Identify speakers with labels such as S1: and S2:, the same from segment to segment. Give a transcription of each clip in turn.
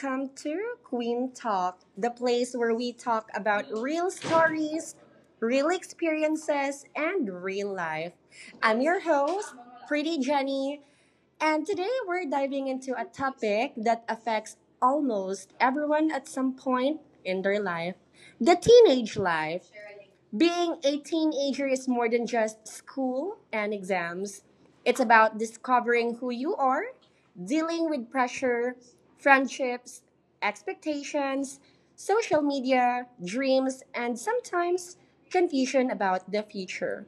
S1: welcome to Queen Talk, the place where we talk about real stories, real experiences, and real life. I'm your host, Pretty Jenny, and today we're diving into a topic that affects almost everyone at some point in their life: the teenage life. Being a teenager is more than just school and exams. It's about discovering who you are, dealing with pressure, friendships, expectations, social media, dreams, and sometimes confusion about the future.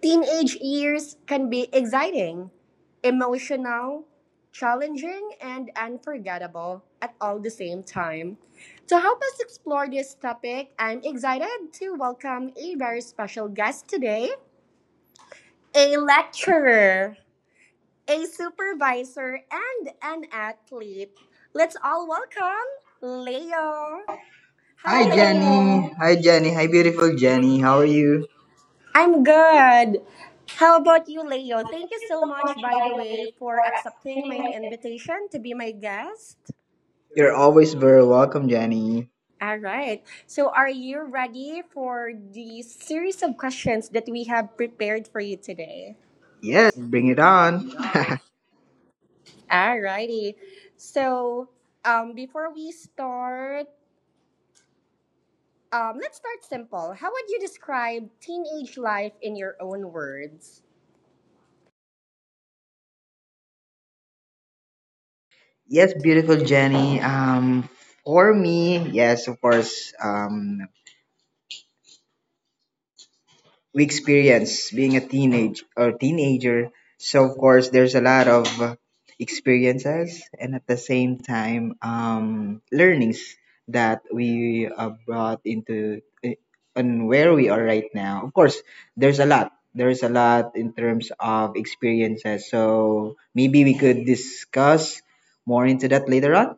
S1: Teenage years can be exciting, emotional, challenging, and unforgettable at all the same time. To help us explore this topic, I'm excited to welcome a very special guest today: a lecturer, a supervisor, and an athlete. Let's all welcome Leo. Hi,
S2: Hi, Jenny.
S1: Leo.
S2: Daniel. Hi, Jenny. Hi, beautiful Jenny. How are you?
S1: I'm good. How about you, Leo? Thank you so much, by the way, for accepting my invitation to be my guest.
S2: You're always very welcome, Jenny.
S1: All right. So, are you ready for the series of questions that we have prepared for you today?
S2: Yes, let's bring it on.
S1: All righty. So, before we start, let's start simple. How would you describe teenage life in your own words?
S2: Yes, beautiful Jenny. For me, yes, of course, we experience being a teenage or teenager. So of course, there's a lot of experiences, and at the same time, learnings that we brought into, on where we are right now. Of course, there's a lot. There's a lot in terms of experiences. So maybe we could discuss more into that later on.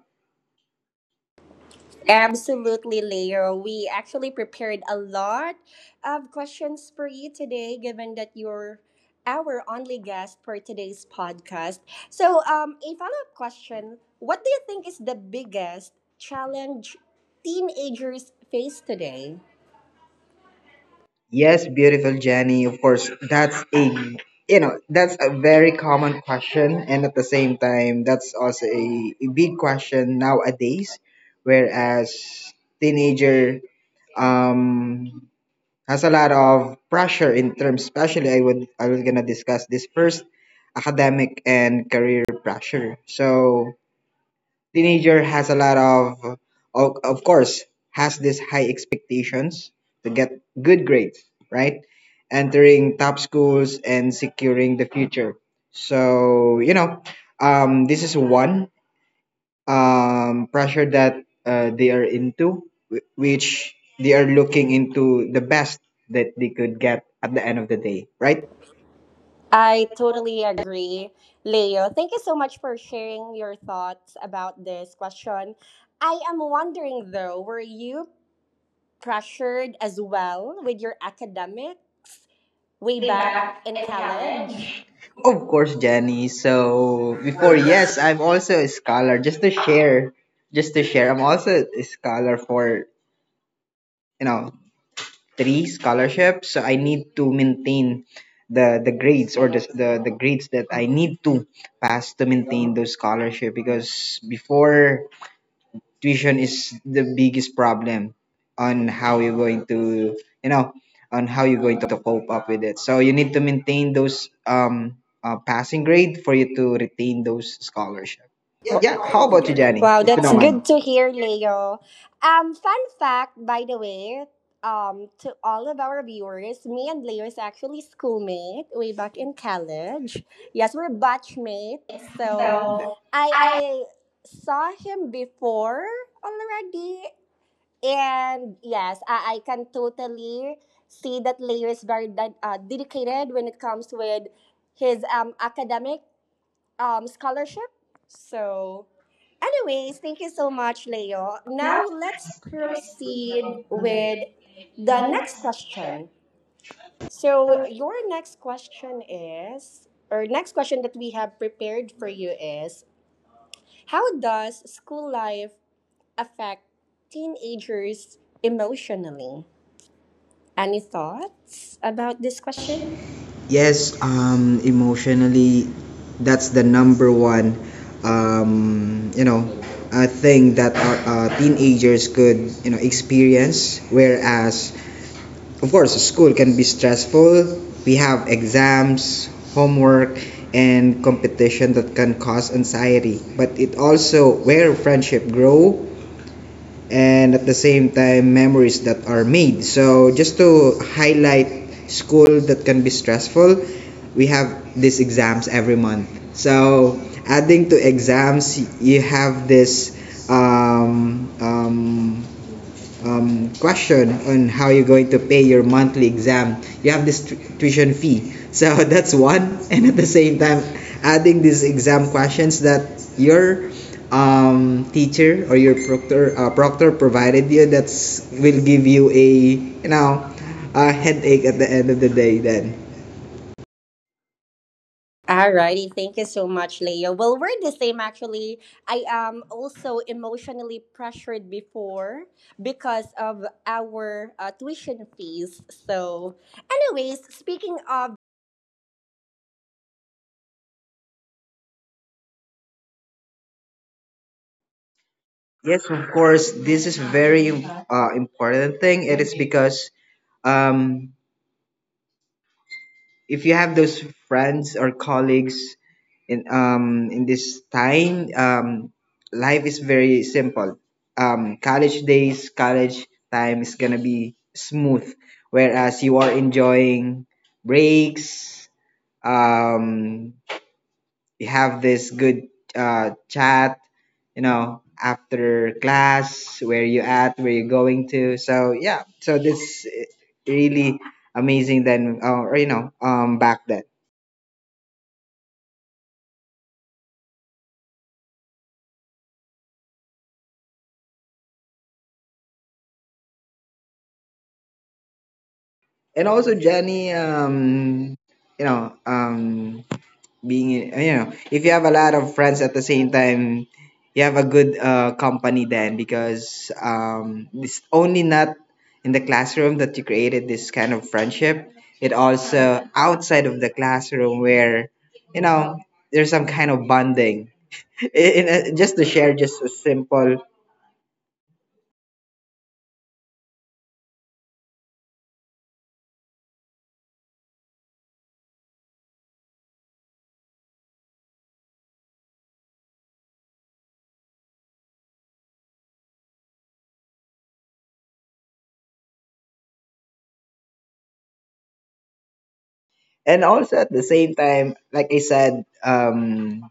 S1: Absolutely, Leo. We actually prepared a lot of questions for you today, given that you're our only guest for today's podcast. So, a follow up question: what do you think is the biggest challenge teenagers face today?
S2: Yes, beautiful Jenny. Of course, that's a very common question, and at the same time, that's also a big question nowadays. Whereas teenager um has a lot of pressure in terms, especially I was gonna discuss this first: academic and career pressure. So teenager has a lot of of course has this high expectations to get good grades, right, entering top schools and securing the future, so this is one pressure that they are into, which they are looking into the best that they could get at the end of the day, right,
S1: I totally agree, Leo. Thank you so much for sharing your thoughts about this question. I am wondering, though, were you pressured as well with your academics way
S2: way
S1: back
S2: back
S1: in
S2: in
S1: college?
S2: college. Of course, Jenny. So before, yes, I'm also a scholar. Just to share, I'm also a scholar for you know three scholarships. So I need to maintain the grades, or the grades that I need to pass to maintain those scholarship, because before, tuition is the biggest problem on how you know you're going to cope up with it, so you need to maintain those passing grade for you to retain those scholarship. Yeah, how about you, Jenny,
S1: Wow,
S2: if you
S1: that's
S2: don't mind?
S1: good to hear, Leo. Fun fact, by the way, to all of our viewers, me and Leo is actually schoolmate way back in college. Yes, we're batchmate. So
S2: So
S1: I
S2: I
S1: saw him before already, and yes, I can totally see that Leo is very dedicated when it comes with his academic scholarship. So, anyways, thank you so much, Leo. Now
S2: now
S1: let's
S2: let's
S1: proceed
S2: proceed with
S1: with the
S2: the
S1: next
S2: next question.
S1: question. So, your next question is, or next question that we have prepared for you is, how does school life affect teenagers emotionally? Any thoughts about this question?
S2: Yes, emotionally, that's the number one um, you know, thing that our, teenagers could, you know, experience. Whereas, of course, school can be stressful. We have exams, homework, and competition that can cause anxiety, but it also where friendship grow, and at the same time, memories that are made. So just to highlight, school that can be stressful, we have these exams every month. So adding to exams, you have this question on how you're going to pay your monthly exam. You have this tuition fee. So that's one. And at the same time, adding these exam questions that your teacher or your proctor provided you, that's will give you you know, a headache at the end of the day, then.
S1: Alrighty, thank you so much, Leo. Well, we're the same actually. I am also emotionally pressured before because of our tuition fees. So, anyways, speaking of
S2: Yes, of course, this is very important thing. It is because, um, if you have those friends or colleagues in, in this time, life is very simple. College days, college time is gonna be smooth, whereas you are enjoying breaks. um you have this good chat, after class. Where you at, where you going to? So, yeah, so this, really amazing then, or back then. And also, Jenny, you know, um, being if you have a lot of friends, at the same time, you have a good company then, because it's only not in the classroom that you created this kind of friendship. It also outside of the classroom, where, you know there's some kind of bonding. In a, just to share, just a simple, and also at the same time, like I said. Um,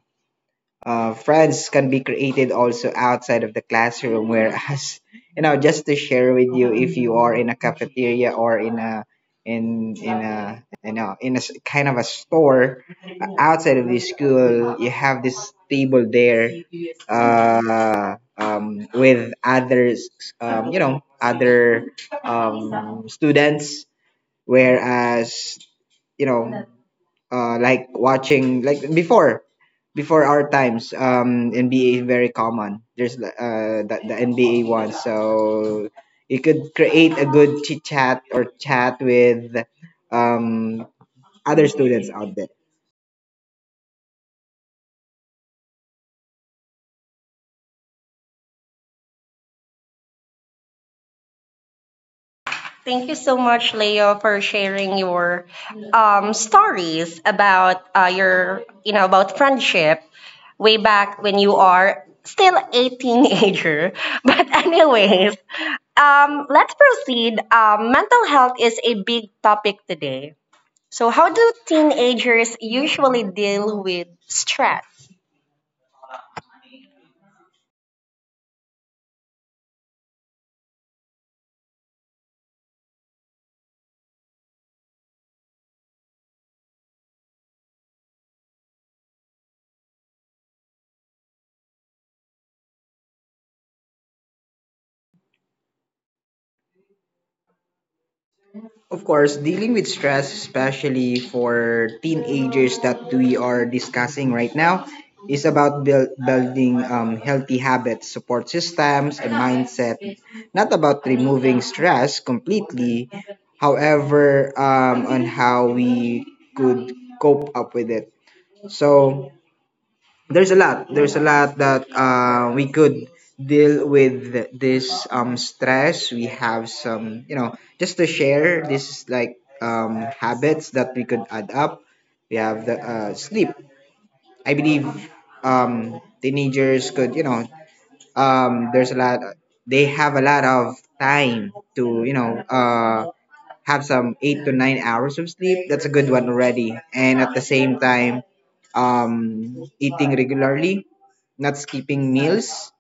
S2: uh, Friends can be created also outside of the classroom, whereas just to share with you, if you are in a cafeteria or in a in in a you know in a s- kind of a store outside of the school, you have this table there, with others, other students, whereas you know like watching, like before our times, NBA is very common. There's the NBA one, so you could create a good chit chat or chat with um other students out there. Thank you so much, Leo, for sharing your stories about about friendship way back when you are still a teenager. But anyways, let's proceed. Mental health is a big topic today. So, how do teenagers usually deal with stress? Of course, dealing with stress, especially for teenagers that we are discussing right now, is about building healthy habits, support systems, and mindset. Not about removing stress completely, however, on how we could cope up with it. So, there's a lot that we could deal with this stress. We have some, just to share, this is like habits that we could add up. We have the sleep. I believe teenagers could, there's a lot, they have a lot of time to, have some 8 to 9 hours of sleep. That's a good one already. And at the same time, eating regularly, not skipping meals,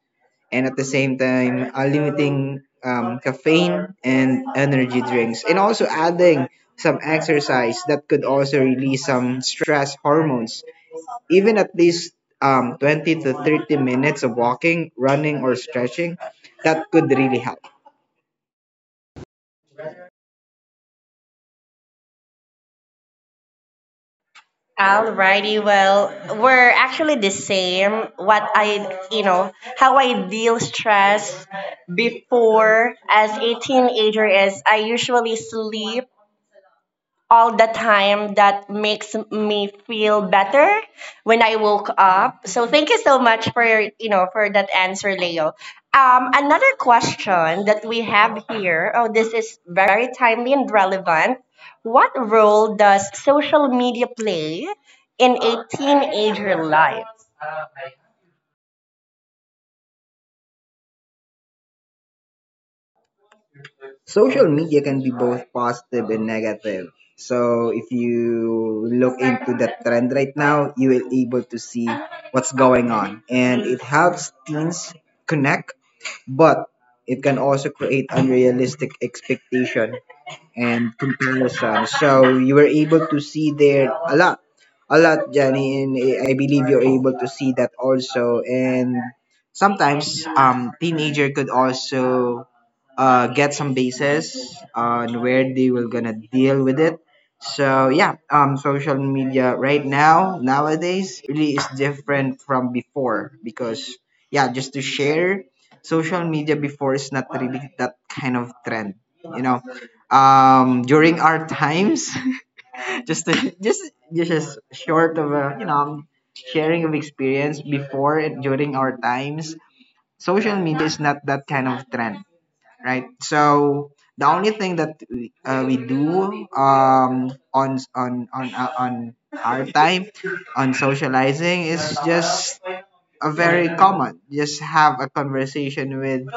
S2: and at the same time, limiting caffeine and energy drinks, and also adding some exercise that could also release some stress hormones. Even at least 20 to 30 minutes of walking, running, or stretching, that could really help. Alrighty. Well, we're actually the same. What I, you know, how I deal stress before as a teenager is, I usually sleep all the time. That makes me feel better when I woke up. So thank you so much for that answer, Leo. Another question that we have here. Oh, this is very timely and relevant. What role does social media play in a teenager life? Social media can be both positive and negative. So if you look into the trend right now, you will able to see what's going on, and it helps teens connect, but it can also create unrealistic expectation and comparison. So you were able to see there a lot, Jenny, and I believe you're able to see that also. And sometimes teenager could also get some bases on where they will gonna deal with it. So, yeah, social media right now nowadays really is different from before, because, yeah, just to share, social media before is not really that kind of trend, you know. During our times, just to, just just as short of a sharing of experience before, and during our times, social media is not that kind of trend, right? So the only thing that we do, on our time, on socializing, is just a very common. Just have a conversation with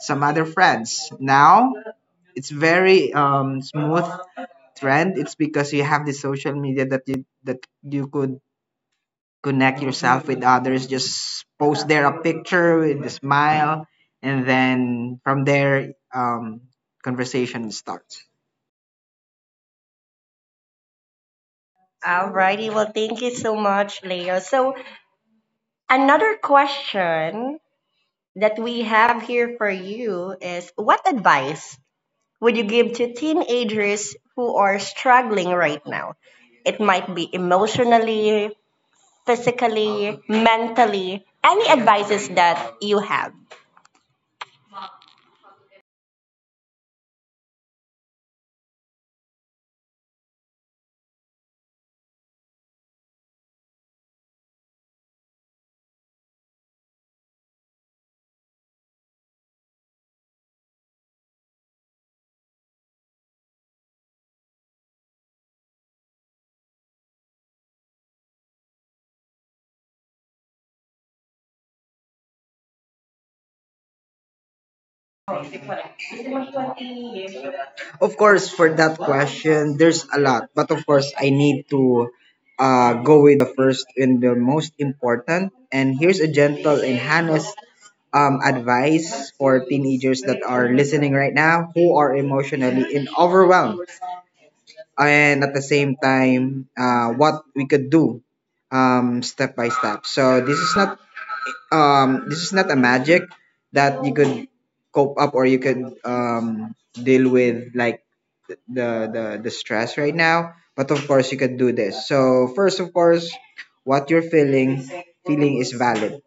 S2: some other friends. Now it's very smooth trend. It's because you have the social media that you could connect yourself with others. Just post there a picture with a smile, and then from there, conversation starts. Alrighty. Well, thank you so much, Leo. So, another question that we have here for you is, what advice would you give to teenagers who are struggling right now? It might be emotionally, physically, mentally. Any advices that you have? Of course, for that question, there's a lot, but of course, I need to go with the first and the most important. And here's a gentle and honest advice for teenagers that are listening right now, who are emotionally and overwhelmed, and at the same time, what we could do step by step. So this is not, a magic that you could cope up or you could deal with, like the stress right now, but of course you can do this. So first, of course, what you're feeling is valid,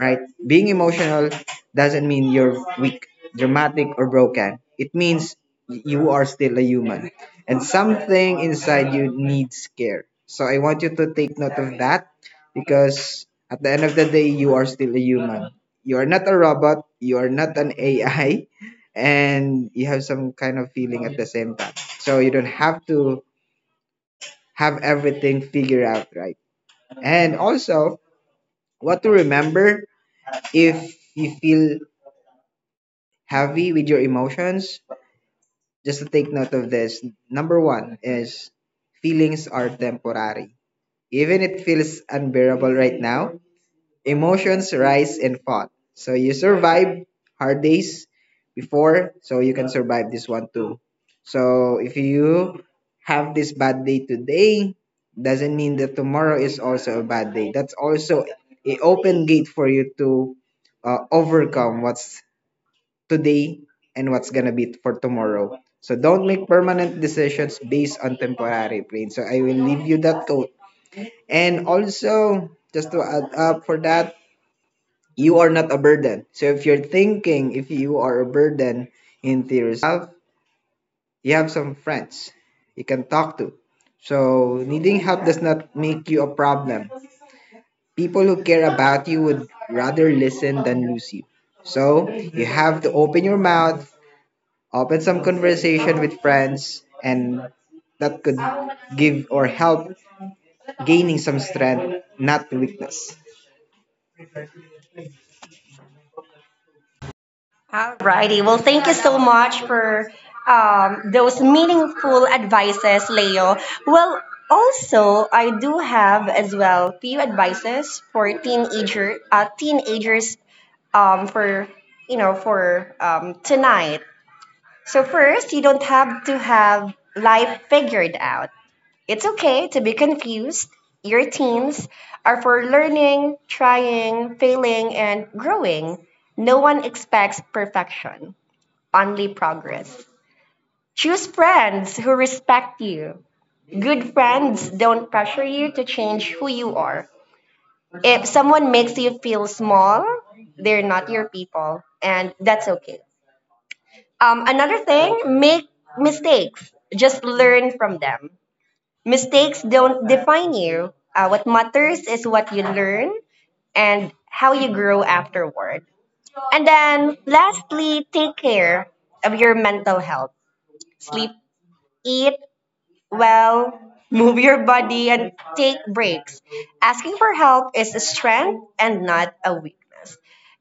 S2: right? Being emotional doesn't mean you're weak, dramatic, or broken. It means you are still a human, and something inside you needs care. So I want you to take note of that, because at the end of the day, you are still a human. You are not a robot. You are not an AI, and you have some kind of feeling at the same time. So you don't have to have everything figured out, right? And also, what to remember if you feel heavy with your emotions, just to take note of this. Number one is, feelings are temporary. Even it feels unbearable right now, emotions rise and fall. So you survive hard days before, so you can survive this one too. So if you have this bad day today, doesn't mean that tomorrow is also a bad day. That's also a open gate for you to overcome what's today and what's gonna be for tomorrow. So don't make permanent decisions based on temporary pain. So I will leave you that quote. And also, just to add up for that, you are not a burden. So if you're thinking if you are a burden into yourself, you have some friends you can talk to. So needing help does not make you a problem. People who care about you would rather listen than lose you. So you have to open your mouth, open some conversation with friends, and that could give or help gaining some strength, not weakness. Alrighty. Well, thank you so much for those meaningful advices, Leo. Well, also, I do have as well few advices for teenager teenagers for for tonight. So first, you don't have to have life figured out. It's okay to be confused. Your teens are for learning, trying, failing, and growing. No one expects perfection, only progress. Choose friends who respect you. Good friends don't pressure you to change who you are. If someone makes you feel small, they're not your people, and that's okay. Another thing, make mistakes. Just learn from them. Mistakes don't define you. What matters is what you learn and how you grow afterward. And then, lastly, take care of your mental health. Sleep, eat, well, move your body and take breaks. Asking for help is a strength and not a weakness.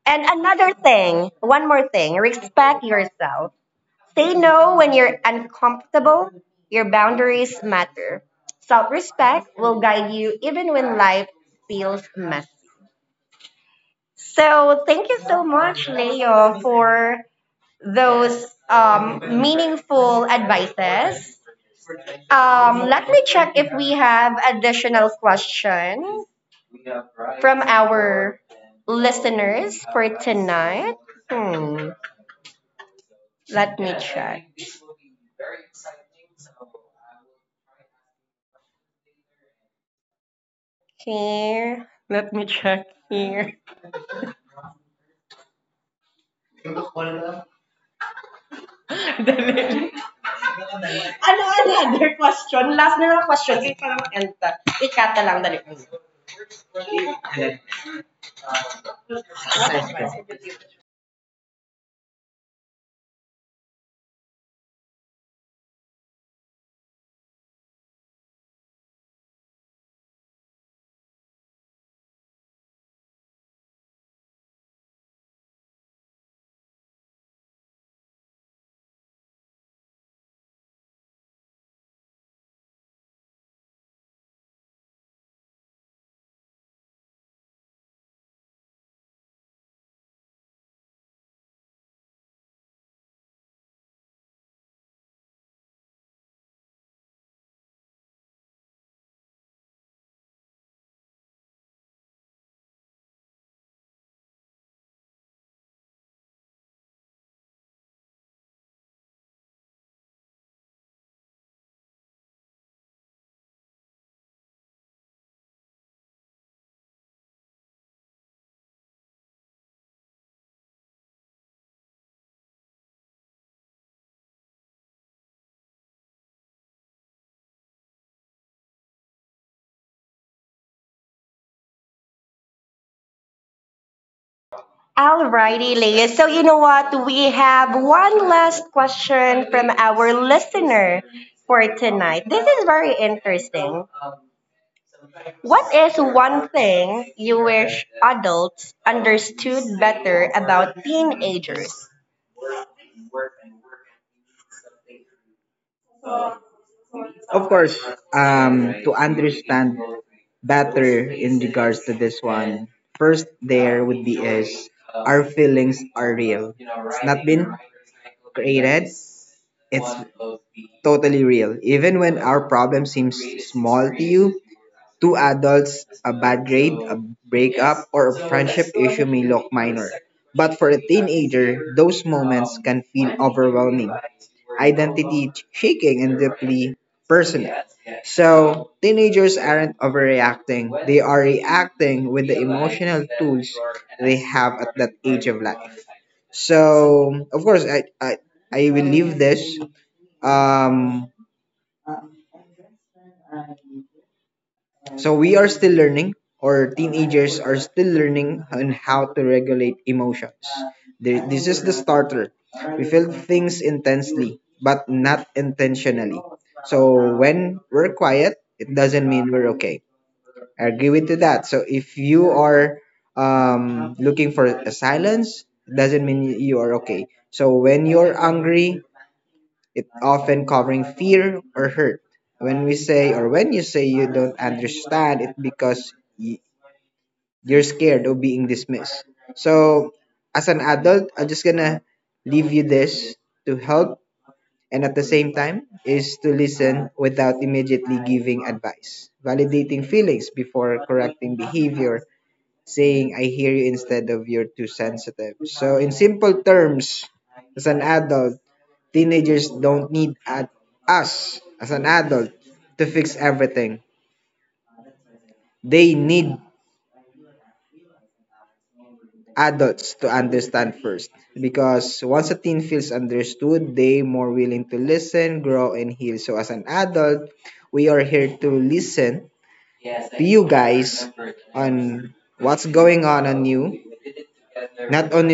S2: And another thing, one more thing, respect yourself. Say no when you're uncomfortable. Your boundaries matter. Self respect will guide you even when life feels messy. So, thank you so much, Leo, for those meaningful advices. Let me check if we have additional question from our listeners for tonight. Hmm. Let me check. Here. Let me check here. ano, ano, other question? Last na lang question. Sige, parang enta. Ikata lang, dali. Alrighty, Leah. So you know what? We have one last question from our listener for tonight. This is very interesting. What is one thing you wish adults understood better about teenagers? Back then, first, totally real. Even our problems seem to adults, a breakup or those low can feel shaking. So, teenagers aren't overreacting. So of course, I will leave them. Um, so we are still learning, or teenagers are still learning on how to regulate emotions. The starter things intense, but not intentional. When we're quiet, it doesn't we're okay. I agree with you that. So if you are um tense, doesn't mean you are okay. So when angry, it's often covering fear or hurt. When we say or when you say you because you're scared of being dismissed. So, as an adult, I'm just gonna leave you this to help, and at the same time, is to listen without immediately giving advice, validating feelings before correcting behavior, saying "I hear you" instead of "you're too sensitive." So, in simple terms, as an adult, teenagers don't need us as an adult to fix everything. They need adults to understand first, because once a teen feels understood, they more willing to listen, grow and heal. So as an adult, we are here to listen.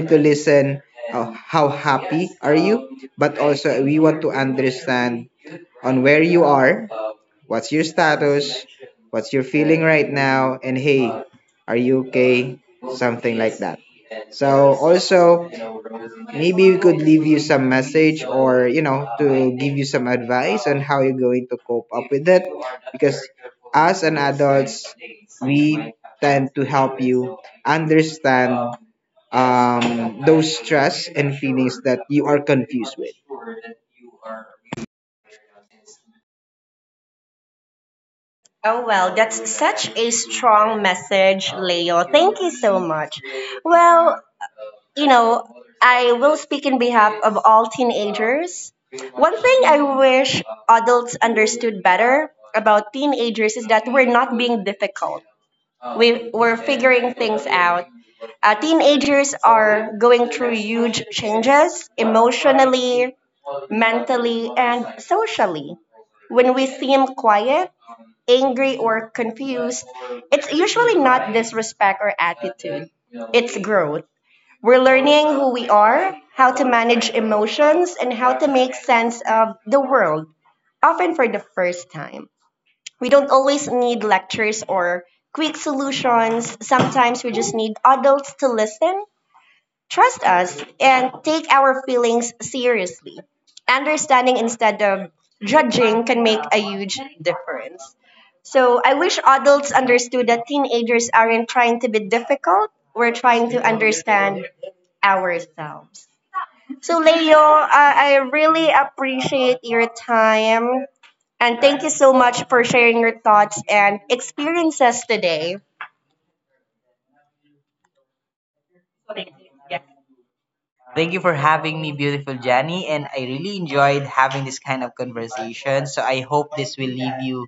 S2: Listen how high, what's your, what's your, and hey, are you, or, you know, some advice how you going to cope, understand, um, oh, well, that's such a strong message, Leo. Thank you so much. Well, you know, I will speak in behalf of all teenagers. One thing I wish adults understood better about teenagers is that we're not being difficult. We're figuring things out. Teenagers are going through huge changes emotionally, mentally, and socially. When we seem quiet, angry or confused, it's usually not disrespect or attitude. It's growth. We're learning who we are, how to manage emotions, and how to make sense of the world, often for the first time. We don't always need lectures or quick solutions. Sometimes we just need adults to listen, trust us, and take our feelings seriously. Understanding instead of judging can make a huge difference. So I wish adults understood that teenagers aren't trying to be difficult. We're trying to understand ourselves. So Leo, I really appreciate your time and thank you so much for sharing your thoughts and experiences today. Thank you for having me, beautiful Jenny, and I really enjoyed having this kind of conversation. So I hope this will leave you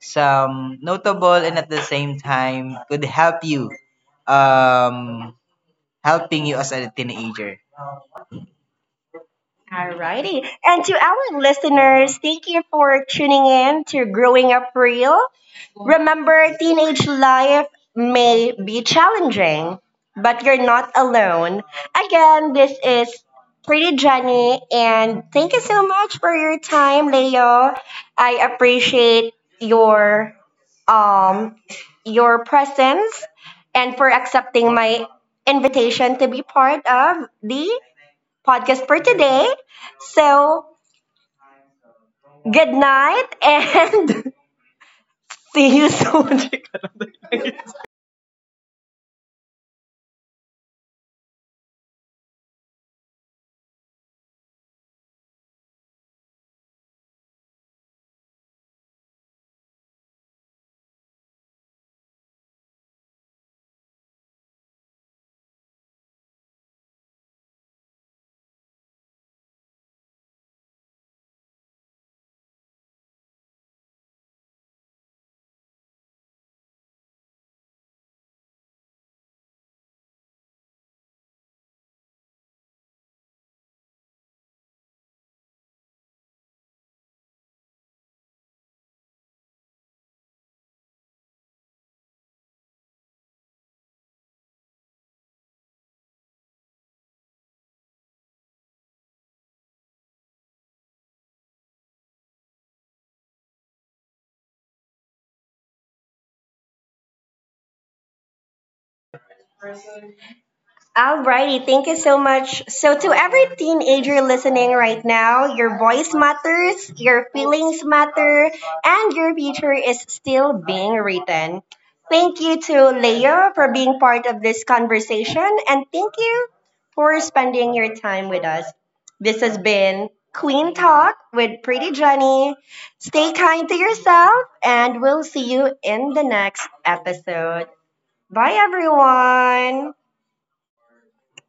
S2: some notable and at the same time could help you um helping you as a teenager. Alrighty. And to our listeners, thank you for tuning in to Growing Up Real. Remember, teenage life may be challenging, but you're not alone. Again, this is Pretty Jenny, and thank you so much for your time, Leo. I appreciate your um your presence and for accepting my invitation to be part of the podcast for today. So, good night and see you soon. Alrighty, thank you so much. So, to every teenager listening right now, your voice matters, your feelings matter, and your future is still being written. Thank you to Leo for being part of this conversation, and thank you for spending your time with us. This has been Queen Talk with Pretty Jenny. Stay kind to yourself, and we'll see you in the next episode. Bye, everyone.